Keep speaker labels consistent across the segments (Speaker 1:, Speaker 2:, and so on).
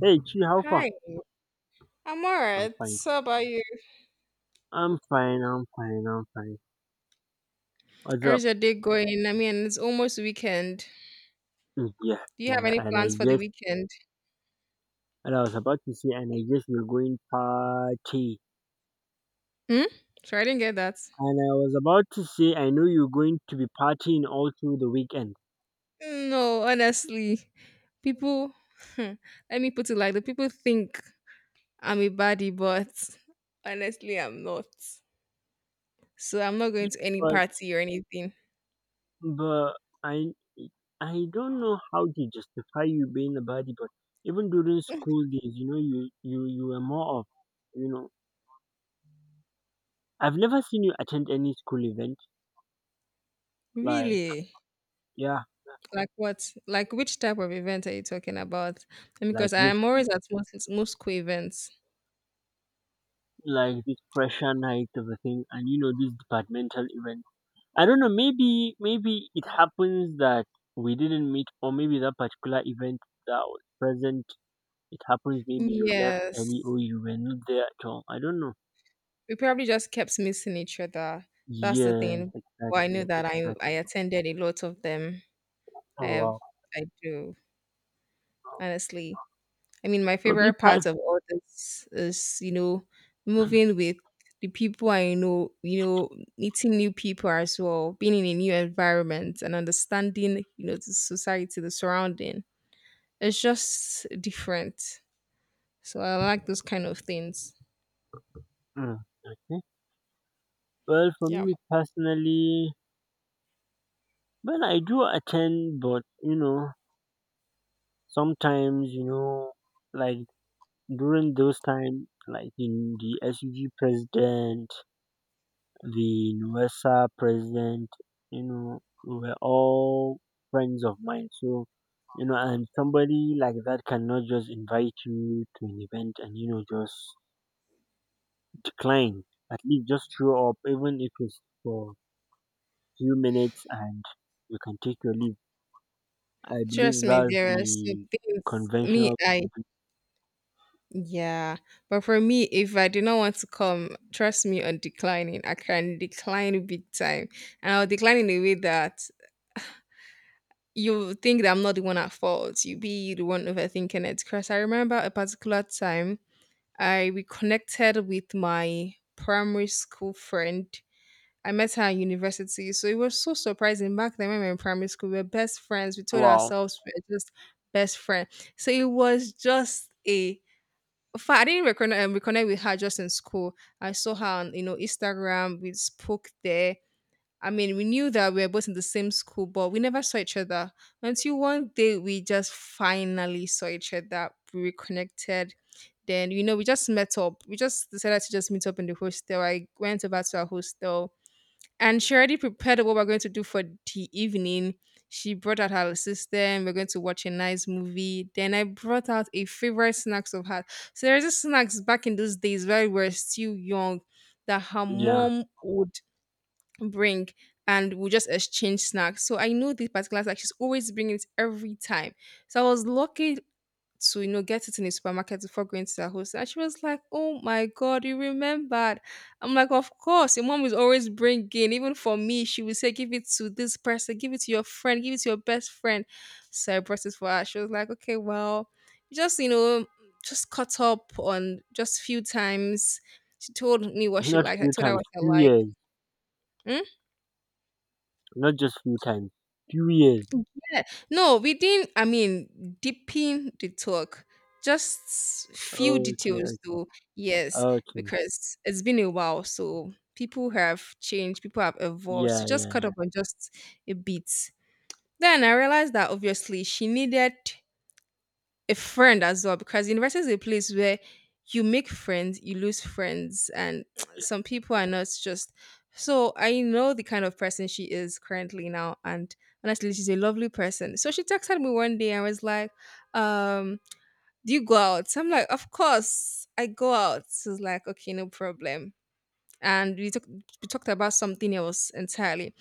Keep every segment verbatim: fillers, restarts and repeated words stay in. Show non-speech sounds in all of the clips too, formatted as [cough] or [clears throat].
Speaker 1: Hey, Chi, how far?
Speaker 2: Hi, I'm all
Speaker 1: I'm
Speaker 2: right.
Speaker 1: fine.
Speaker 2: So about you?
Speaker 1: I'm fine. I'm fine. I'm fine. What's
Speaker 2: How
Speaker 1: up?
Speaker 2: is your day going? I mean, it's almost weekend.
Speaker 1: Mm, yeah,
Speaker 2: Do you have
Speaker 1: yeah.
Speaker 2: any
Speaker 1: And I
Speaker 2: plans for the
Speaker 1: guess,
Speaker 2: weekend?
Speaker 1: and I was about to say, And I guess you're going party.
Speaker 2: Hmm? Sorry, I didn't get that.
Speaker 1: And I was about to say, I know you're going to be partying all through the weekend.
Speaker 2: No, honestly, people. [laughs] Let me put it like the people think I'm a baddie, but honestly, I'm not. So I'm not
Speaker 1: Yeah,
Speaker 2: going to any
Speaker 1: but
Speaker 2: party or anything.
Speaker 1: but I I don't know how to justify you being a body, but even during
Speaker 2: [laughs]
Speaker 1: school days, you know, you you you were more of, you know, I've never seen you attend any school event like
Speaker 2: Really?
Speaker 1: yeah
Speaker 2: Like what? Like which type of event are you talking about?
Speaker 1: like
Speaker 2: Because I
Speaker 1: this,
Speaker 2: am always at most most school events.
Speaker 1: like this pressure night of a thing, and you know this departmental event. I don't know, maybe maybe it happens that we didn't meet, or maybe that particular event that was present, it happens maybe you left
Speaker 2: Yes.
Speaker 1: early or you were not there at all. I don't know.
Speaker 2: We probably just kept missing each other. That's the
Speaker 1: Yes,
Speaker 2: thing. But I
Speaker 1: exactly
Speaker 2: know that I
Speaker 1: exactly
Speaker 2: I attended a lot of them. I
Speaker 1: Oh,
Speaker 2: have
Speaker 1: wow.
Speaker 2: I do honestly. I mean, my
Speaker 1: But we
Speaker 2: favorite
Speaker 1: pass.
Speaker 2: part of all this is you know moving with the people I know. You know, meeting new people as well, being in a new environment and understanding you know the society, the surrounding. It's just different. So I like those kind of things.
Speaker 1: mm, okay, well, for
Speaker 2: Yeah.
Speaker 1: me personally, well, I do attend, but you know, sometimes you know, like during those time, like in the S U G president, the N U W E S A president, you know, were all friends of mine. So, you know, and somebody like that cannot just invite you to an event and, you know, just decline. At least just show up, even if it's for few minutes and you can take your leave. I
Speaker 2: Trust
Speaker 1: believe
Speaker 2: me,
Speaker 1: that's
Speaker 2: there are some
Speaker 1: the
Speaker 2: things. Me,
Speaker 1: conventional.
Speaker 2: I Yeah, but for me, if I do not want to come, trust me on declining. I can decline big time, and I'll decline in a way that you think that I'm not the one at fault. You be the one overthinking it. Because I remember a particular time I reconnected with my primary school friend. I met her at university, so it was so surprising back then when we were in primary school. We were best friends. We told
Speaker 1: Wow.
Speaker 2: ourselves we were just best friends. So it was just a fa- I didn't reconnect, um, reconnect with her just in school. I saw her on, you know, Instagram. We spoke there. I mean, we knew that we were both in the same school, but we never saw each other until one day we just finally saw each other. We reconnected. Then, you know, we just met up. We just decided to just meet up in the hostel. I went over to our hostel, and she already prepared what we're going to do for the evening. She brought out her system. We're going to watch a nice movie. Then I brought out a favorite snacks of hers. So there's a snacks back in those days where we were still young that her
Speaker 1: Yeah.
Speaker 2: mom would bring, and we just exchange snacks. So I know this particular snack. She's always bringing it every time. So I was lucky to you know get it in a supermarket before going to their host. And she was like, oh my god, you remembered. I'm like, of course, your mom is always bringing, even for me. She would say, 'Give it to this person, give it to your friend, give it to your best friend.' So I brought it for her. She was like, okay, well, just, you know just caught up on just few times. She told me what she
Speaker 1: Not
Speaker 2: liked, I
Speaker 1: few
Speaker 2: told her
Speaker 1: times,
Speaker 2: what I
Speaker 1: few
Speaker 2: like.
Speaker 1: years.
Speaker 2: Hmm?
Speaker 1: Not just few times, few years.
Speaker 2: Yeah. No, we didn't. I mean, deepen the talk. Just few
Speaker 1: Okay,
Speaker 2: details,
Speaker 1: okay,
Speaker 2: though. Yes,
Speaker 1: okay.
Speaker 2: because it's been a while, so people have changed. People have evolved. So
Speaker 1: Yeah,
Speaker 2: just
Speaker 1: yeah,
Speaker 2: cut up on just a bit. Then I realized that obviously she needed a friend as well, because university is a place where you make friends, you lose friends, and [tsk]
Speaker 1: yeah.
Speaker 2: some people are not just. So I know the kind of person she is currently now, and honestly, she's a lovely person. So she texted me one day and was like, um, "Do you go out?" So I'm like, "Of course, I go out." She's like, "Okay, no problem." And we, talk- we talked about something else entirely.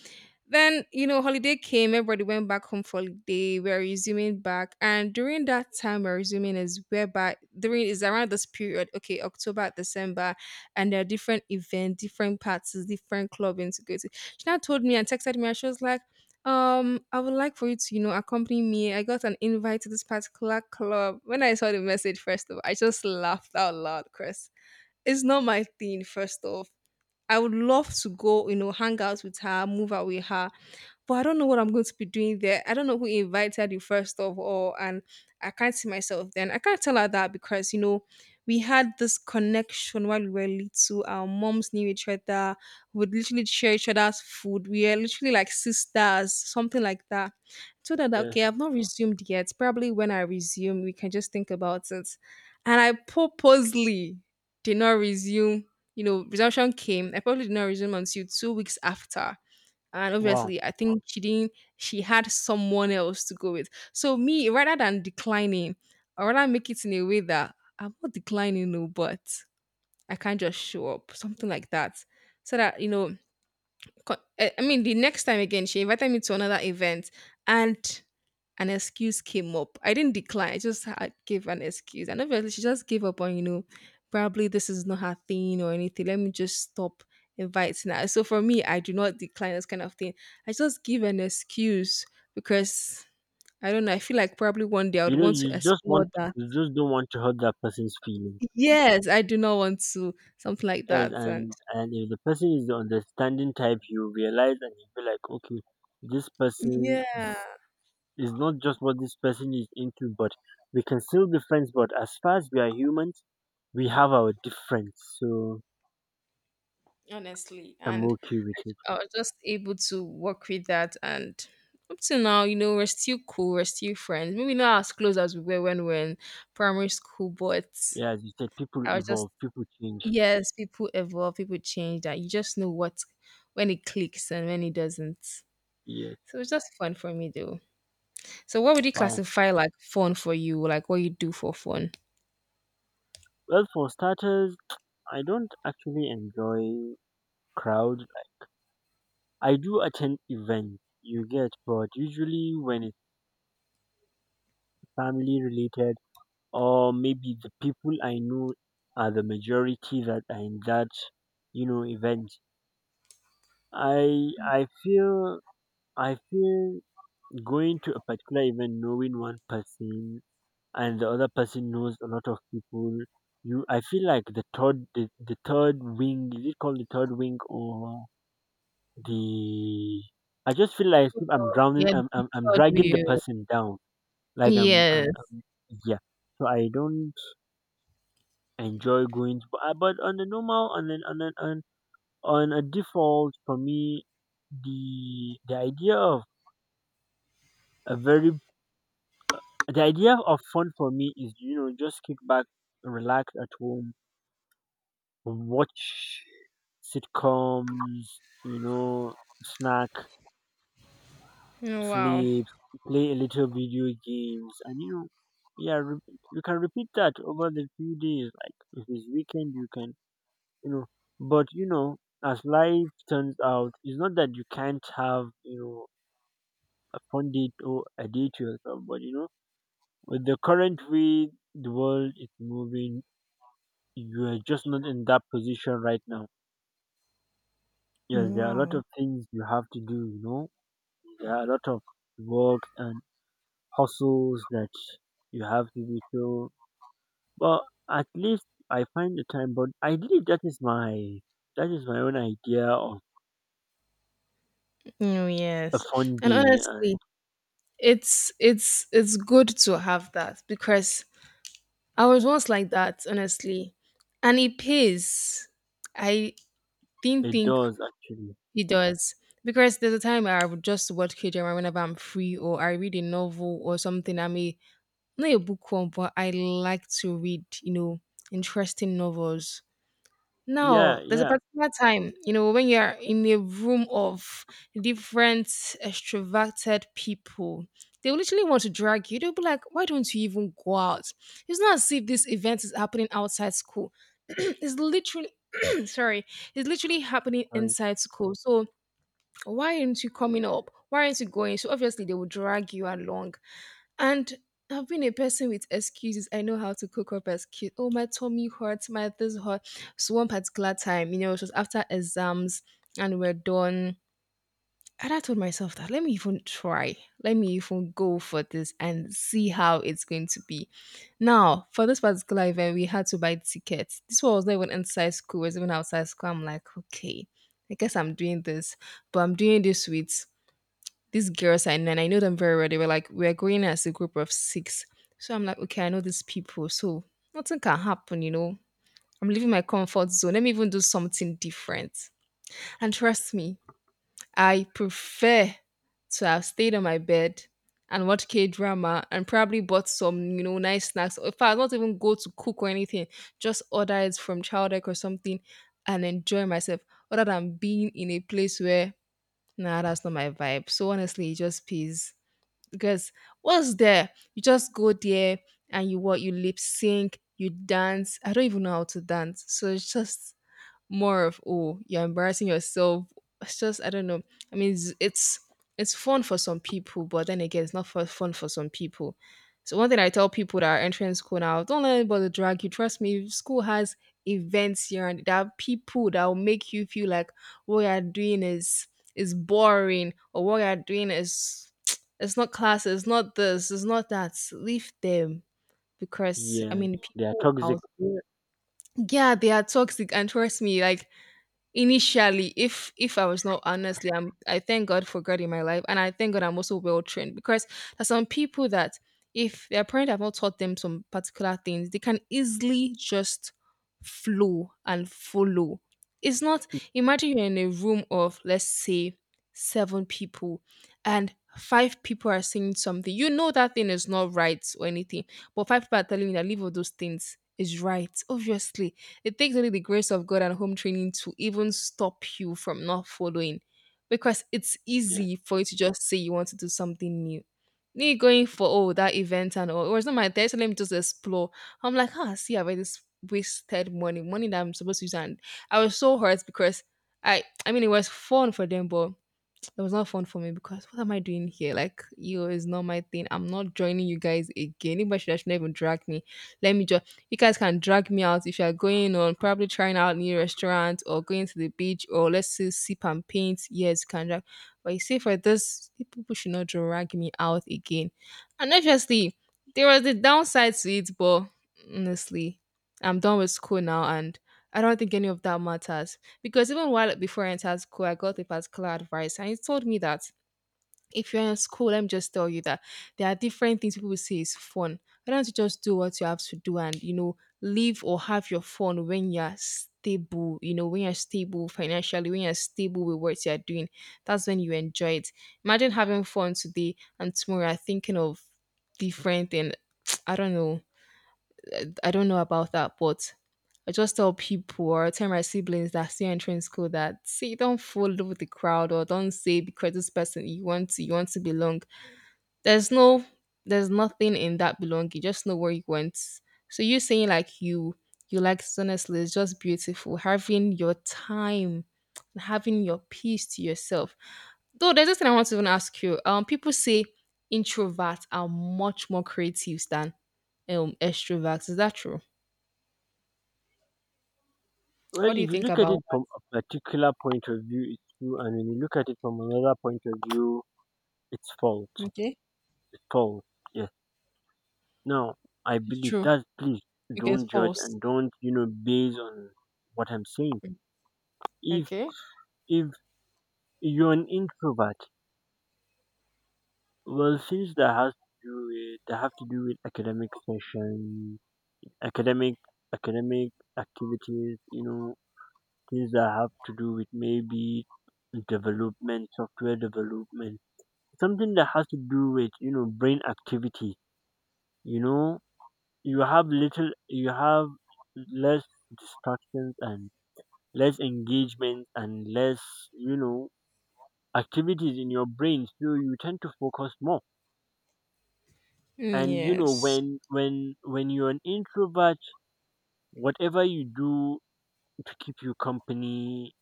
Speaker 2: Then, you know, holiday came, everybody went back home for holiday. We're resuming back. And during that time we're resuming is whereby during is around this period, okay, October, December, and there are different events, different parties, different clubbing to go to. She now told me and texted me and she was like, um, I would like for you to, you know, accompany me. I got an invite to this particular club. When I saw the message, first of all, I just laughed out loud, Chris. It's not my thing, first off. I would love to go, you know, hang out with her, move out with her, but I don't know what I'm going to be doing there. I don't know who invited you first of all, and I can't see myself then. I can't tell her that, because you know we had this connection while we were little. Our moms knew each other. We would literally share each other's food. We were literally like sisters, something like that. So that
Speaker 1: Yeah.
Speaker 2: okay, I've not resumed yet. Probably when I resume, we can just think about it. And I purposely did not resume. You know, resumption came. I probably did not resume until two weeks after, and
Speaker 1: Wow.
Speaker 2: obviously I think she didn't she had someone else to go with. So me, rather than declining, I rather make it in a way that I'm not declining, no, but I can't just show up, something like that. So that you know co- eh, I mean, the next time again, she invited me to another event, and an excuse came up. I didn't decline, I just had, gave an excuse. And obviously, she just gave up on, you know, probably this is not her thing or anything. Let me just stop inviting her. So for me, I do not decline this kind of thing. I just give an excuse because I don't know. I feel like probably one day I would
Speaker 1: You know,
Speaker 2: want to
Speaker 1: you just
Speaker 2: explore
Speaker 1: want,
Speaker 2: that.
Speaker 1: you just don't want to hurt that person's feelings.
Speaker 2: Yes, I do not want to, something like
Speaker 1: Yes,
Speaker 2: that. And
Speaker 1: and and if the person is the understanding type, you realize and you be like, okay, this person
Speaker 2: yeah,
Speaker 1: is not just what this person is into, but we can still be friends. But as far as we are humans, we have our difference, so
Speaker 2: honestly,
Speaker 1: I'm
Speaker 2: and
Speaker 1: okay with it.
Speaker 2: I, I was just able to work with that. And up to now, you know we're still cool, we're still friends, maybe not as close as we were when we were in primary school, but
Speaker 1: Yeah, as you said, people
Speaker 2: I was just
Speaker 1: evolve, people change.
Speaker 2: yes, people evolve, people change, that you just know what, when it clicks and when it doesn't.
Speaker 1: Yes.
Speaker 2: So it's just fun for me though. So what would you
Speaker 1: Wow.
Speaker 2: classify like fun for you, like what you do for fun?
Speaker 1: Well, for starters, I don't actually enjoy crowds. I do attend events, you get, but usually when it's family related, or maybe the people I know are the majority that are in that, you know, event. I I feel I feel going to a particular event knowing one person and the other person knows a lot of people. You, I feel like the third, the, the third wing is it called the third wing or the, I just feel like I'm
Speaker 2: Oh,
Speaker 1: drowning.
Speaker 2: yeah,
Speaker 1: I'm,
Speaker 2: the
Speaker 1: I'm I'm,
Speaker 2: third
Speaker 1: dragging the
Speaker 2: wheel.
Speaker 1: person down. Like I'm I'm,
Speaker 2: Yes.
Speaker 1: I'm, yeah. So I don't enjoy going to, uh, but on the normal, on an, on an, on on a default for me, the the idea of a very the idea of fun for me is, you know, just kick back, relax at home, watch sitcoms, you know, snack,
Speaker 2: Oh, wow.
Speaker 1: sleep, play a little video games, and you know, yeah, re- you can repeat that over the few days. Like if it's weekend, you can, you know, but you know, as life turns out, it's not that you can't have, you know, a fun date or a day to yourself, but you know, with the current way the world is moving, you are just not in that position right now. Yes, there are a lot
Speaker 2: Wow.
Speaker 1: of things you have to do, you know, there are a lot of work and hustles that you have to do. So, but at least I find the time. But I believe that is my, that is my own idea of
Speaker 2: Oh,
Speaker 1: a
Speaker 2: yes.
Speaker 1: fun
Speaker 2: And
Speaker 1: day, and
Speaker 2: honestly, it's it's it's good to have that, because I was once like that, honestly, and it pays. I didn't
Speaker 1: it
Speaker 2: think
Speaker 1: does actually.
Speaker 2: it does, because there's a time I would just watch K drama whenever I'm free, or I read a novel or something. I'm a not a bookworm, but I like to read, you know, interesting novels. Now,
Speaker 1: Yeah,
Speaker 2: there's a
Speaker 1: yeah,
Speaker 2: particular time, you know, when you're in a room of different extroverted people, they will literally want to drag you. They'll be like, why don't you even go out? It's not as if this event is happening outside school. [clears throat] It's literally, [clears throat] sorry, it's literally happening
Speaker 1: correct.
Speaker 2: inside school. So why aren't you coming up? Why aren't you going? So obviously they will drag you along. And I've been a person with excuses. I know how to cook up excuses. Oh, my tummy hurts, my this hurt. So one particular time, you know, it was after exams and we're done. And I told myself that let me even try. Let me even go for this and see how it's going to be. Now, for this particular event, we had to buy tickets. This one was not even inside school, it was even outside school. I'm like, okay, I guess I'm doing this, but I'm doing this with these girls I know, and I know them very well. They were like, we're going as a group of six. So I'm like, okay, I know these people. So nothing can happen, you know. I'm leaving my comfort zone. Let me even do something different. And trust me, I prefer to have stayed on my bed and watch K drama and probably bought some, you know, nice snacks. Or if I not even go to cook or anything, just order it from Childek or something and enjoy myself, other than being in a place where nah, that's not my vibe. So honestly, it just pays, because what's there? You just go there and you what you lip sync, you dance. I don't even know how to dance. So it's just more of oh, you're embarrassing yourself. It's just, I don't know, I mean, it's it's, it's fun for some people, but then again, it's not for fun for some people. So one thing I tell people that are entering school now, don't let anybody drag you. Trust me, school has events here, and there are people that will make you feel like what you're doing is is boring, or what you're doing is [tsk] it's not classes, it's not this, it's not that. Leave them, because I
Speaker 1: Yeah,
Speaker 2: mean,
Speaker 1: they are
Speaker 2: people
Speaker 1: toxic.
Speaker 2: out there, yeah, they are toxic. And trust me, like initially, if if I was not, honestly, i'm i thank God for God in my life, and I thank God I'm also well trained, because there's some people that if their parents have not taught them some particular things, they can easily just flow and follow. It's not Imagine you're in a room of, let's say, seven people, and five people are saying something you know that thing is not right or anything, but five people are telling you that leave all those things is right. Obviously, it takes only the grace of God and home training to even stop you from not following, because it's
Speaker 1: Yes.
Speaker 2: easy for you to just say you want to do something new. Me going for, oh, that event and all, it was not my test, so let me just explore. I'm like, ah, see, I've already s- wasted money, money that I'm supposed to use, and I was so hurt because I, I mean, it was fun for them, but it was not fun for me because what am I doing here? Like, yo, it's not my thing. I'm not joining you guys again. Anybody should, should not even drag me. Let me just, you guys can drag me out if you're going on probably trying out new restaurants or going to the beach or, let's say, sip and paint. Yes, you can drag. But you see, for this, you people should not drag me out again. And obviously, there was the downside to it, but honestly, I'm done with school now, and I don't think any of that matters because even while before I entered school, I got a particular advice and it told me that if you're in school, let me just tell you that there are different things people will say is fun. Why don't you just do what you have to do, and you know, live or have your fun when you're stable, you know, when you're stable financially, when you're stable with what you're doing. That's when you enjoy it. Imagine having fun today and tomorrow you're thinking of different and [tsk] I don't know. I don't know about that, but I just tell people or I tell my siblings that are still entering school that, see, don't fool with the crowd or don't say because this person you want to you want to belong. There's no there's nothing in that belonging. Just know where you went. So you saying like you you like, honestly, it's just beautiful. Having your time and having your peace to yourself. Though there's this thing I want to even ask you. Um people say introverts are much more creative than um extroverts. Is that true? What
Speaker 1: Well,
Speaker 2: do you
Speaker 1: if you
Speaker 2: think
Speaker 1: look at
Speaker 2: about
Speaker 1: it from a particular point of view, it's true, and when you look at it from another point of view, it's
Speaker 2: that?
Speaker 1: fault.
Speaker 2: Okay.
Speaker 1: It's false. Yes. Now, I
Speaker 2: It's
Speaker 1: believe
Speaker 2: true.
Speaker 1: that. Please
Speaker 2: Okay, it's
Speaker 1: don't judge
Speaker 2: false.
Speaker 1: and don't you know base on what I'm saying. If
Speaker 2: Okay.
Speaker 1: If you're an introvert, well, since that has to do with, that have to do with academic sessions, academic, academic activities, you know, things that have to do with maybe development, software development, something that has to do with you know brain activity. You know, you have little, you have less distractions and less engagement and less, you know, activities in your brain, so you tend to focus more.
Speaker 2: Mm,
Speaker 1: And you know,
Speaker 2: yes.
Speaker 1: when when when you're an introvert, whatever you do to keep you company,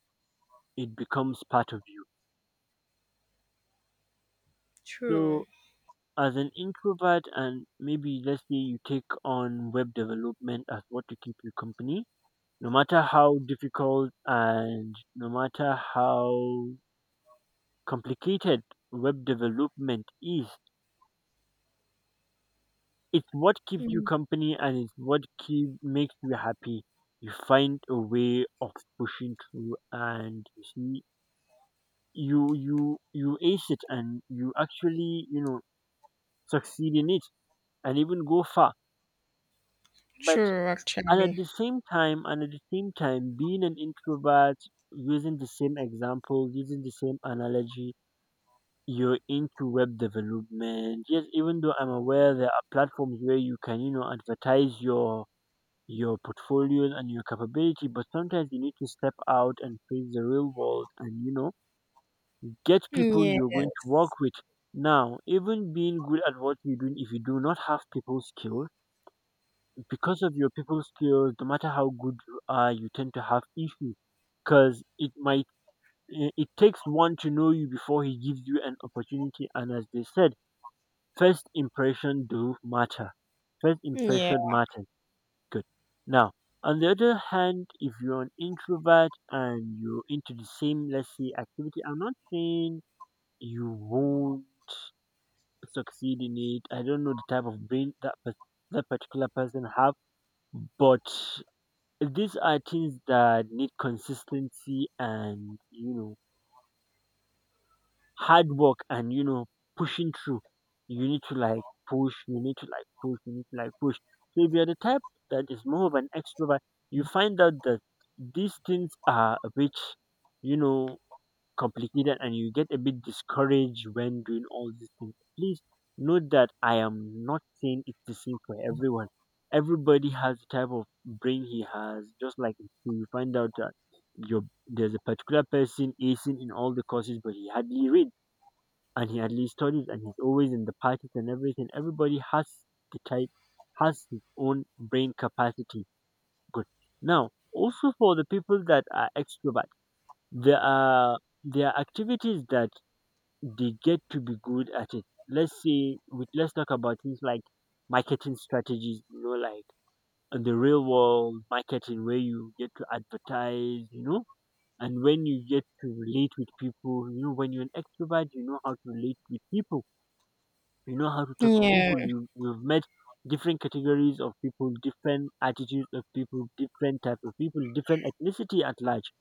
Speaker 1: it becomes part of you.
Speaker 2: True.
Speaker 1: So as an introvert, and maybe let's say you take on web development as what to keep you company, no matter how difficult and no matter how complicated web development is, it's what keeps you
Speaker 2: Mm,
Speaker 1: company, and it's what keep, makes you happy. You find a way of pushing through, and you see you you you ace it, and you actually, you know, succeed in it and even go far. But
Speaker 2: true,
Speaker 1: and at
Speaker 2: actually.
Speaker 1: the same time, and at the same time being an introvert, using the same example, using the same analogy, you're into web development, yes, even though I'm aware there are platforms where you can, you know, advertise your your portfolios and your capability, but sometimes you need to step out and face the real world and, you know, get people you're going to
Speaker 2: Yes.
Speaker 1: work with. Now, even being good at what you're doing, if you do not have people skills, because of your people skills, no matter how good you are, you tend to have issues, because it might, eh, it takes one to know you before he gives you an opportunity. And as they said, first impression do matter, first
Speaker 2: Yeah.
Speaker 1: impression matters. Good. Now, on the other hand, if you're an introvert and you're into the same, let's say, activity, I'm not saying you won't succeed in it. I don't know the type of brain that pers- that particular person have, but these are things that need consistency and, you know, hard work and, you know, pushing through. You need to like push, you need to like push you need to like push So if you're the type that is more of an extrovert, you find out that these things are a bit, you know, complicated, and you get a bit discouraged when doing all these things. Please note that I am not saying it's the same for everyone. Everybody has the type of brain he has. Just like you find out that you, there's a particular person acing in all the courses but he hardly read, and he at least studies, and he's always in the parties and everything. Everybody has the type, has his own brain capacity. Good. Now, also for the people that are extrovert, there are there are activities that they get to be good at it. Let's say, with, let's talk about things like marketing strategies. You know, like in the real world marketing where you get to advertise. You know. And when you get to relate with people, you know, when you're an extrovert, you know how to relate with people, you know how to talk to
Speaker 2: Yeah.
Speaker 1: people, you, you've met different categories of people, different attitudes of people, different type of people, different ethnicity at large,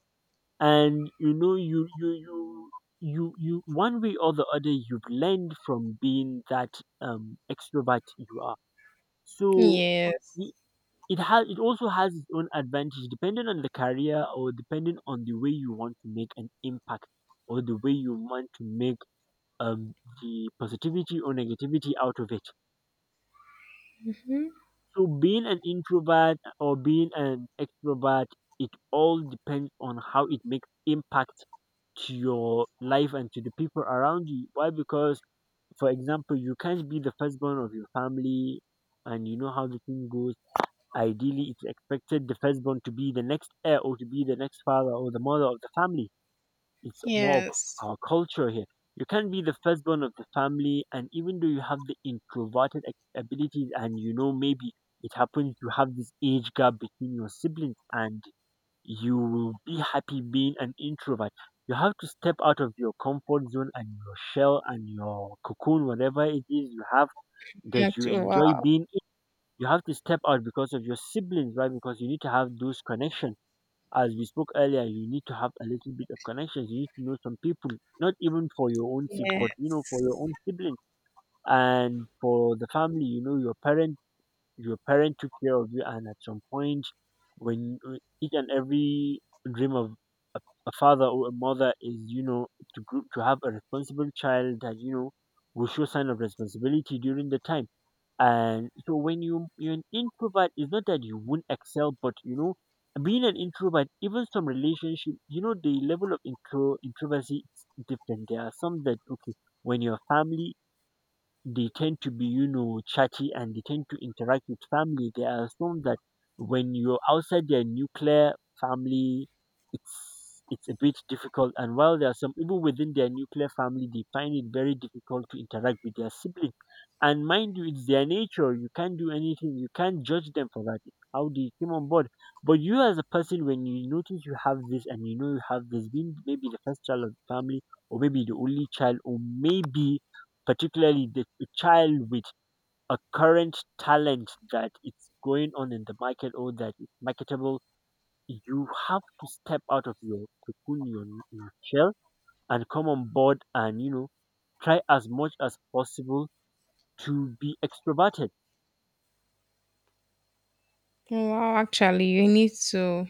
Speaker 1: and you know, you you you you you one way or the other, you've learned from being that um extrovert you are, so
Speaker 2: Yes.
Speaker 1: y- it has, it also has its own advantage, depending on the career, or depending on the way you want to make an impact, or the way you want to make, um the positivity or negativity out of it.
Speaker 2: Mm-hmm.
Speaker 1: So being an introvert or being an extrovert, it all depends on how it makes impact to your life and to the people around you. Why? Because, for example, you can't be the firstborn of your family, and you know how the thing goes. Ideally, it's expected the firstborn to be the next heir or to be the next father or the mother of the family. It's more of
Speaker 2: Yes.
Speaker 1: our culture here. You can't be the firstborn of the family, and even though you have the introverted ac- abilities, and you know, maybe it happens, you have this age gap between your siblings, and you will be happy being an introvert. You have to step out of your comfort zone and your shell and your cocoon, whatever it is you have that
Speaker 2: Act-
Speaker 1: you enjoy
Speaker 2: Wow.
Speaker 1: being in. You have to step out because of your siblings, right? Because you need to have those connections, as we spoke earlier, you need to have a little bit of connections. You need to know some people, not even for your own sake,
Speaker 2: Yeah.
Speaker 1: but you know, for your own sibling and for the family. You know, your parent, your parent took care of you, and at some point, when uh, each and every dream of a father or a mother is you know to gr- to have a responsible child that you know will show sign of responsibility during the time. And so when you you're an introvert, it's not that you won't excel, but you know being an introvert, even some relationship, you know the level of intro introversy is different. There are some that, okay, when your family, they tend to be, you know chatty, and they tend to interact with family, they assume that when you're outside their nuclear family, it's it's a bit difficult. And while there are some even within their nuclear family, they find it very difficult to interact with their sibling. And mind you, it's their nature, you can't do anything, you can't judge them for that, it's how they came on board. But you as a person, when you notice you have this, and you know you have this, being maybe the first child of the family, or maybe the only child, or maybe particularly the a child with a current talent that it's going on in the market or that is marketable, you have to step out of your cocoon, your, your shell, and come on board and you know try as much as possible to be extroverted.
Speaker 2: Wow, actually, you need to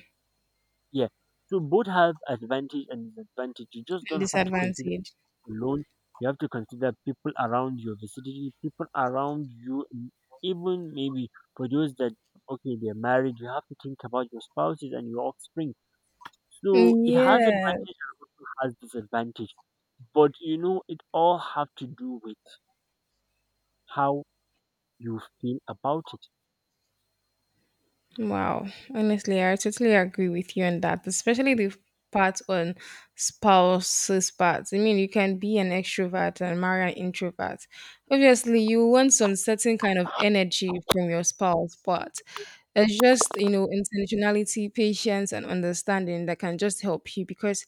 Speaker 1: Yeah. So both have advantage and disadvantage. You just don't have to consider
Speaker 2: disadvantage.
Speaker 1: alone. You have to consider people around you, vicinity, people around you, and even maybe for those that, okay, they're married. You have to think about your spouses and your offspring. So it has
Speaker 2: Yeah.
Speaker 1: advantage and also has disadvantage. But you know, it all have to do with how you feel about it.
Speaker 2: Wow. Honestly, I totally agree with you on that, especially the part on spouses parts. I mean, you can be an extrovert and marry an introvert. Obviously, you want some certain kind of energy from your spouse, but it's just, you know, intentionality, patience, and understanding that can just help you because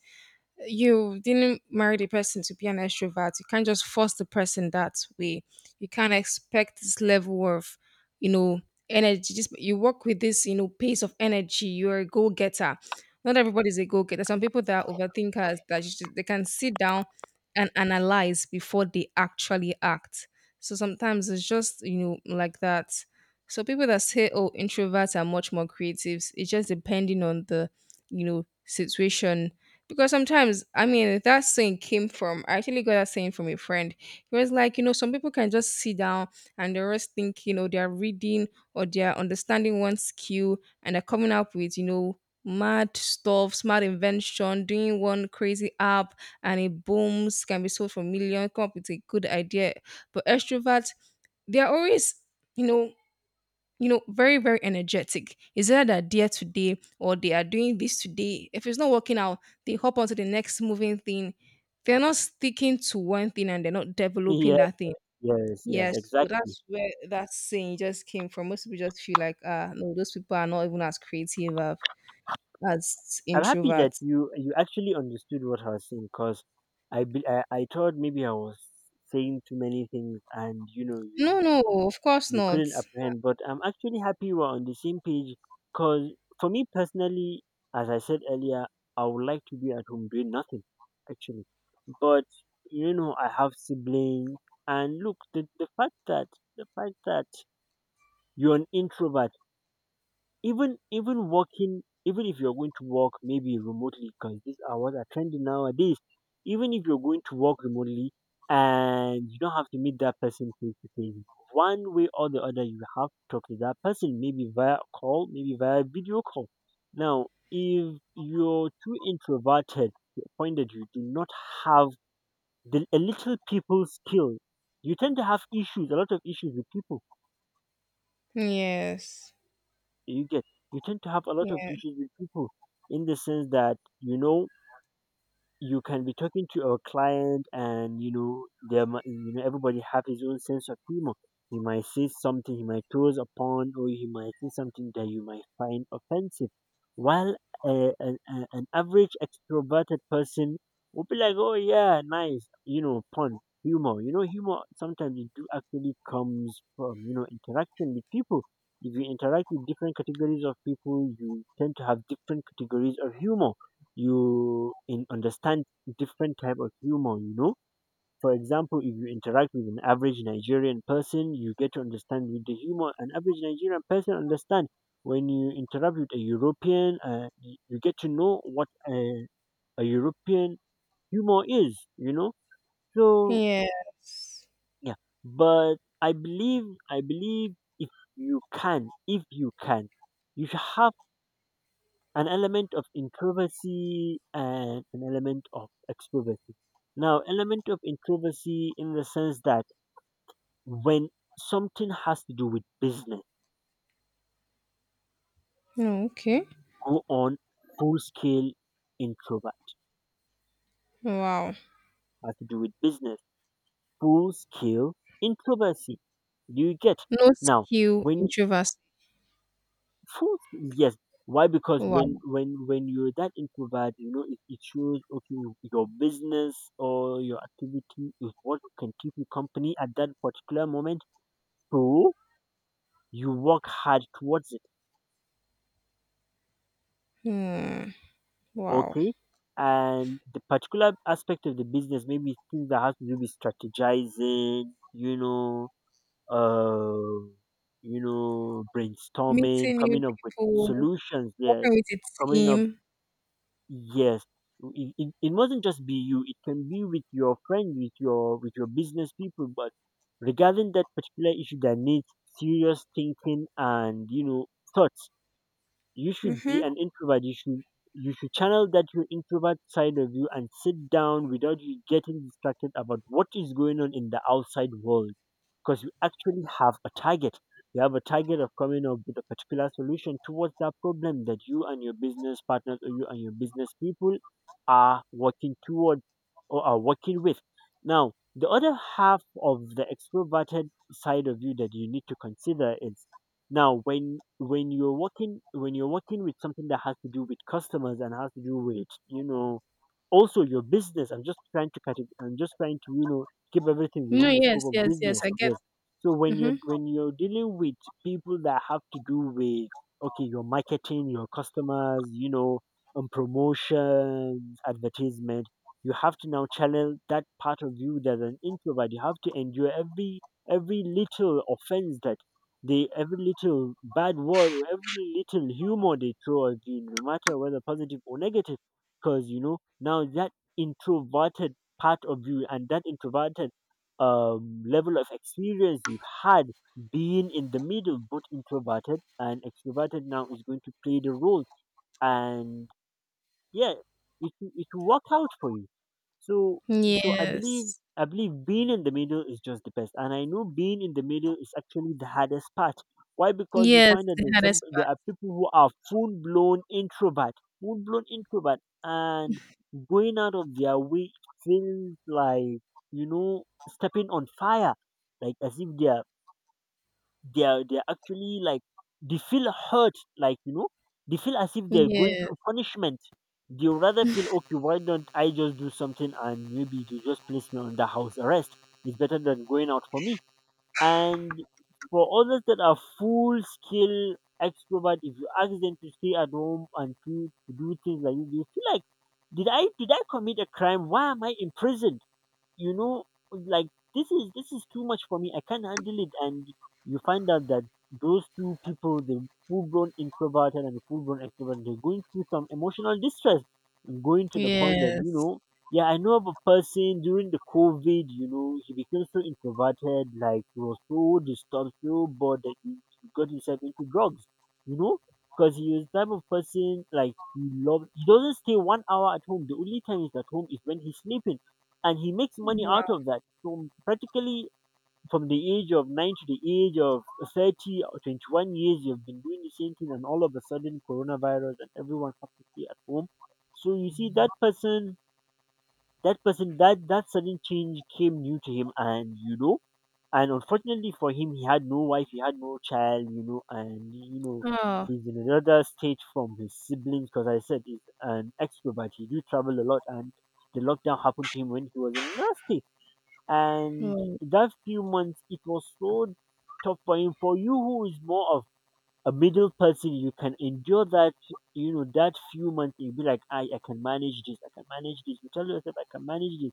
Speaker 2: you didn't marry the person to be an extrovert. You can't just force the person that way. You can't expect this level of, you know, energy. Just you work with this, you know, pace of energy. You're a go getter. Not everybody's a go getter. Some people that are overthinkers that you should- they can sit down and analyze before they actually act. So sometimes it's just, you know, like that. So people that say, oh, introverts are much more creatives. It's just depending on the you know situation because sometimes, I mean, that saying came from, I actually got that saying from a friend. He was like, you know, some people can just sit down and they rest think, you know, they're reading or they're understanding one skill and they're coming up with, you know, mad stuff, smart invention, doing one crazy app, and it booms, can be sold for million, come up with a good idea. But extroverts, they're always, you know, you know, very, very energetic. Is either they're there today or they are doing this today. If it's not working out, they hop onto the next moving thing. They're not sticking to one thing and they're not developing
Speaker 1: Yes,
Speaker 2: that thing.
Speaker 1: yes, yes,
Speaker 2: Yes, so
Speaker 1: exactly.
Speaker 2: that's where that saying just came from. Most people just feel like, ah, no, those people are not even as creative as as
Speaker 1: I'm happy that
Speaker 2: introverts.
Speaker 1: you you actually understood what I was saying, because I, be- I I thought maybe I was saying too many things and you know you
Speaker 2: No, no, of course
Speaker 1: you
Speaker 2: not.
Speaker 1: couldn't apprehend. But I'm actually happy we're on the same page, because for me personally, as I said earlier, I would like to be at home doing nothing, actually. But you know, I have siblings, and look, the, the fact that the fact that you're an introvert, even even working, even if you're going to work maybe remotely, because these are what are trending nowadays, even if you're going to work remotely and you don't have to meet that person face to face, one way or the other you have to talk to that person, maybe via call, maybe via video call. Now if you're too introverted to the point that you do not have the a little people skill, you tend to have issues, a lot of issues with people.
Speaker 2: Yes.
Speaker 1: You get you tend to have a lot of
Speaker 2: Yeah.
Speaker 1: issues with people, in the sense that you know you can be talking to a client, and you know there mi- you know everybody have his own sense of humor, he might say something, he might toes upon, or he might say something that you might find offensive. While a, an, a- an average extroverted person would be like, oh yeah, nice, you know pun humor. you know humor sometimes it do actually comes from, you know interaction with people. If you interact with different categories of people, you tend to have different categories of humor. You in understand different type of humor, you know for example, if you interact with an average Nigerian person, you get to understand with the humor an average Nigerian person understand. When you interact with a European, uh, y- you get to know what a, a European humor is, you know so
Speaker 2: Yes.
Speaker 1: yeah. But i believe i believe if you can if you can you should have an element of introversy and an element of extroversy. Now, element of introversy in the sense that when something has to do with business,
Speaker 2: Oh, okay.
Speaker 1: go on full scale introvert.
Speaker 2: Wow.
Speaker 1: Has to do with business, full scale introversy. Do you get?
Speaker 2: No
Speaker 1: Now,
Speaker 2: skill
Speaker 1: when
Speaker 2: introverts.
Speaker 1: Food, yes. Why? Because when
Speaker 2: Wow.
Speaker 1: when when you're that introvert, you know, it, it shows, okay, your business or your activity is what can keep you company at that particular moment. So you work hard towards it.
Speaker 2: Hmm. Wow.
Speaker 1: Okay. And the particular aspect of the business, maybe things that has to do with strategizing, you know, uh, you know, brainstorming,
Speaker 2: Meeting new
Speaker 1: coming up with
Speaker 2: people,
Speaker 1: solutions. Yes,
Speaker 2: working with a
Speaker 1: coming up
Speaker 2: team.
Speaker 1: Yes, it, it, it mustn't just be you. It can be with your friend, with your with your business people. But regarding that particular issue that needs serious thinking and, you know, thoughts, you should
Speaker 2: Mm-hmm.
Speaker 1: be an introvert, you should you should channel that your introvert side of you and sit down without you getting distracted about what is going on in the outside world, because you actually have a target, you have a target of coming up with a particular solution towards that problem that you and your business partners or you and your business people are working toward or are working with. Now the other half of the extroverted side of you that you need to consider is, now, when when you're working, when you're working with something that has to do with customers and has to do with, you know, also your business. I'm just trying to cut it. I'm just trying to, you know keep everything
Speaker 2: No,
Speaker 1: within the
Speaker 2: yes,
Speaker 1: scope of
Speaker 2: yes, yes.
Speaker 1: business.
Speaker 2: I get.
Speaker 1: Yes. So when you're
Speaker 2: Mm-hmm.
Speaker 1: when you're dealing with people that have to do with, okay, your marketing, your customers, you know, and promotions, advertisement. You have to now channel that part of you that's an introvert. You have to endure every every little offense that they every little bad word or every little humor they throw at you, no matter whether positive or negative, because you know now that introverted part of you, and that introverted um, level of experience you've had being in the middle, both introverted and extroverted, now is going to play the role. And yeah, it will- it will work out for you. so so i believe
Speaker 2: Yes,
Speaker 1: i believe being in the middle is just the best, and I know being in the middle is actually the hardest part. Why? Because you
Speaker 2: yes.
Speaker 1: find that
Speaker 2: The
Speaker 1: there's some
Speaker 2: hardest part.
Speaker 1: there are people who are full blown introvert, full blown introvert and going out of their way feels like, you know, stepping on fire, like as if they are they're they're actually like, they feel hurt, like, you know, they feel as if they're going
Speaker 2: Yes,
Speaker 1: through punishment. They rather feel, okay, why don't I just do something and maybe they just place me under house arrest? It's better than going out for me. And for others that are full skill extrovert, if you ask them to stay at home and to, to do things like this, they feel like, did I did I commit a crime? Why am I in prison? you know like this is this is too much for me, I can't handle it. And you find out that those two people, the full-blown introverted and the full-blown extrovert, they're going through some emotional distress, going to the point that, you
Speaker 2: yes.
Speaker 1: know yeah, I know of a person during the COVID, you know he became so introverted, like he was so disturbed, so bored, that he got himself into drugs, you know because he was the type of person, like, he loves he doesn't stay one hour at home, the only time he's at home is when he's sleeping, and he makes money
Speaker 2: Wow.
Speaker 1: out of that. So practically from the age of nine to the age of thirty or twenty-one years, you've been doing the same thing, and all of a sudden coronavirus, and everyone has to stay at home. So you see that person, that person that that sudden change came new to him, and you know, and unfortunately for him, he had no wife, he had no child, you know and you know
Speaker 2: Oh,
Speaker 1: he's in another state from his siblings, because I said he's an extrovert, he do travel a lot, and the lockdown happened to him when he was in another state. And
Speaker 2: mm.
Speaker 1: that few months, it was so tough for him. For you, who is more of a middle person, you can endure that, you know, that few months. You'll be like, I, I can manage this. I can manage this. You tell yourself, I can manage this,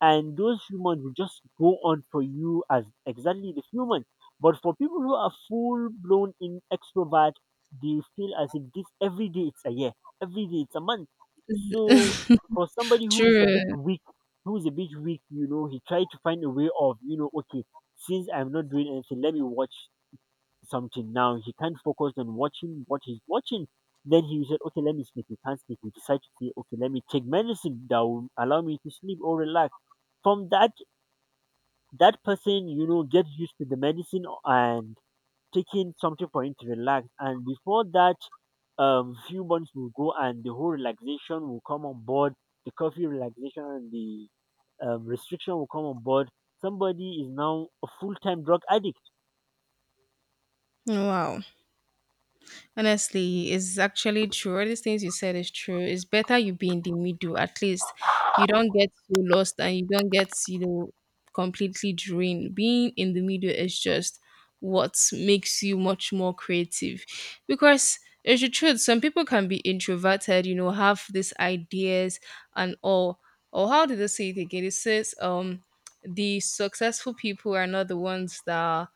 Speaker 1: and those few months will just go on for you as exactly the few months. But for people who are full blown in extrovert, they feel as if this every day it's a year, every day it's a month. So for somebody
Speaker 2: [laughs]
Speaker 1: who is a bit
Speaker 2: true.
Speaker 1: weak, who is a bit weak, you know, he tried to find a way of, you know, okay, since I'm not doing anything, let me watch something. Now he can't focus on watching what he's watching. Then he said, okay, let me sleep. He can't sleep. He decided to say, okay, let me take medicine that will allow me to sleep or relax. From that, that person, you know, gets used to the medicine and taking something for him to relax. And before that, um, few months will go and the whole relaxation will come on board. The coffee relaxation and the um, restriction will come on board. Somebody is now a full-time drug addict.
Speaker 2: Wow. Honestly, it's actually true. All these things you said is true. It's better you be in the middle. At least you don't get so lost and you don't get, you know, completely drained. Being in the middle is just what makes you much more creative. Because it's the truth, some people can be introverted, you know, have these ideas and all. Or how did they say it again? It says um the successful people are not the ones that